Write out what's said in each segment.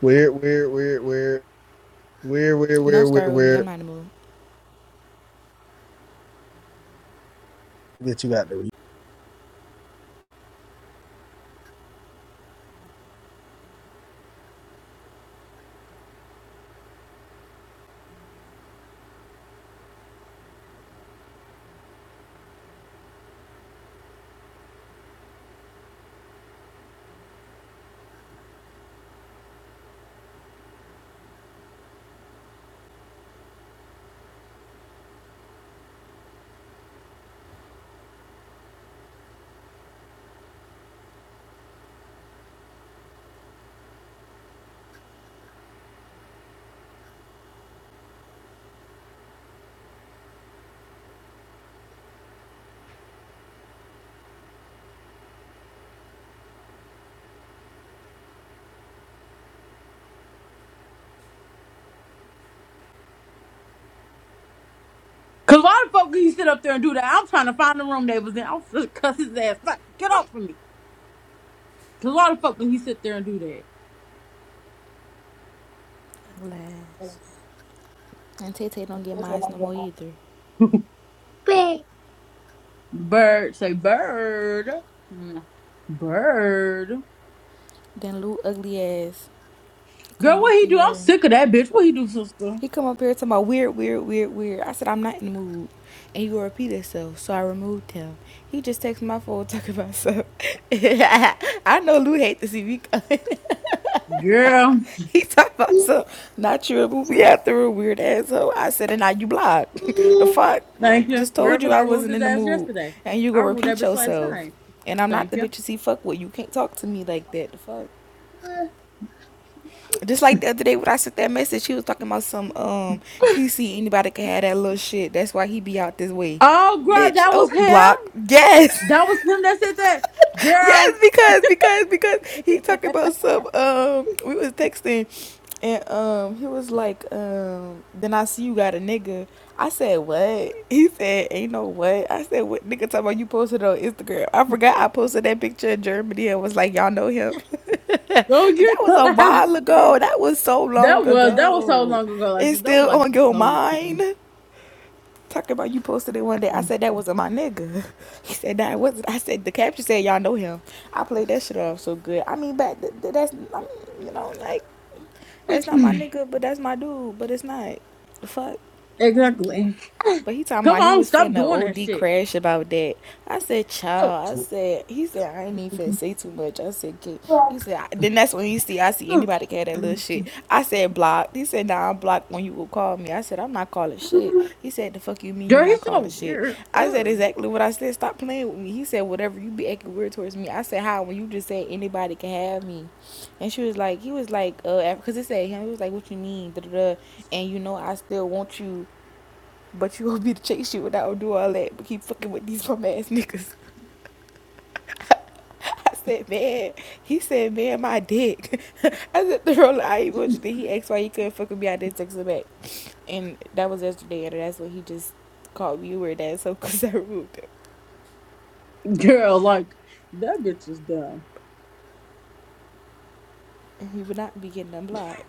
Where, where, where, where, where, where, Don't where, where, start with me. I'm where not in the mood. that you got the Cause why the fuck you sit up there and do that? I'm trying to find the room they was in. I'm finna cuss his ass. Fuck, get off of me. Cause why the fuck would he sit there and do that? Last. And Tay Tay don't get mine no more either. Bird. Bird. Say bird. Mm, Bird. Then Lou ugly ass Girl, what come up he do? I'm here. sick of that bitch. What he do, sister? He come up here talking about weird, weird, weird, weird. I said I'm not in the mood, and he will repeat himself. So I removed him. He just texted my phone talking about stuff. I know Lou hate to see me Girl. He talking about some not you a movie after a weird asshole. I said, and now you blocked. the fuck? Thank you. Just Girl, told cause you I I removed wasn't his in the ass mood, yesterday. and you I gonna removed that repeat bitch last yourself. night. And I'm not Thank the you. bitches he fuck with. You can't talk to me like that. The fuck? Just like the other day when I sent that message, he was talking about some um he see anybody can have that little shit. That's why he be out this way. Oh girl, Bitch, that was oh block. him? Yes. That was him that said that? yes, Girl. because because because he talking about some um we was texting and um he was like um then I see you got a nigga. I said what? He said ain't no what. I said what nigga talking about you posted on Instagram. I forgot I posted that picture in Germany and was like y'all know him. that Don't was you a while ago. That was so That long was that was so ago. long ago, like It's That was still like on your some weeks ago. mind. Talk about you posted it one day. I said that wasn't my nigga. He said that nah, wasn't. I said the caption said y'all know him. I played that shit off so good. I mean, back th- th- that's I mean, you know like that's not my nigga, but that's my dude. But it's not. The fuck. Exactly. But he talking Come about he on, was stop finna doing that OD shit. crash about that. I said, Oh, child. I said, he said, I ain't even finna say too much. I said, kid. He said, I, then that's when you see, I see anybody care that little mm. shit. I said, blocked. He said, nah, I'm blocked when you will call me. I said, I'm not calling shit. He said, the fuck you mean you Girl, not he's so calling shit? weird. I said, Ugh. exactly what I said. Stop playing with me. He said, whatever, you be acting weird towards me. I said, how? When you just said anybody can have me. And she was like, he was like, uh, because it said him, he was like, what you mean? Da, da, da. And you know, I still want you but you want me to chase you and I don't do all that, but keep fucking with these bum ass niggas. I said, man. He said, man, my dick. I said, the roller I ain't want you to. He asked why he couldn't fuck with me. I didn't text him back. And that was yesterday, and that's what he just called me weird ass so because I removed him. Girl, like that bitch is dumb. And he would not be getting unblocked.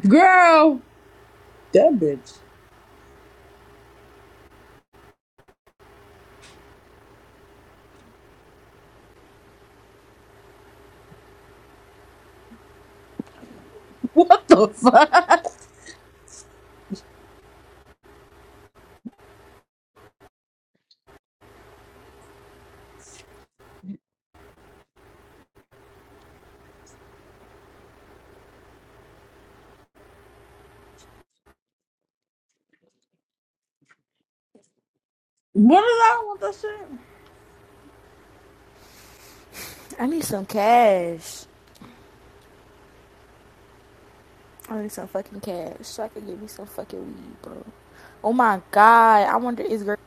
Girl, that bitch. What the fuck? What did I want that shit? I need some cash. I need some fucking cash so I can get me some fucking weed, bro. Oh my god, I wonder is girl.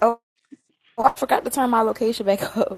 Oh, I forgot to turn my location back up.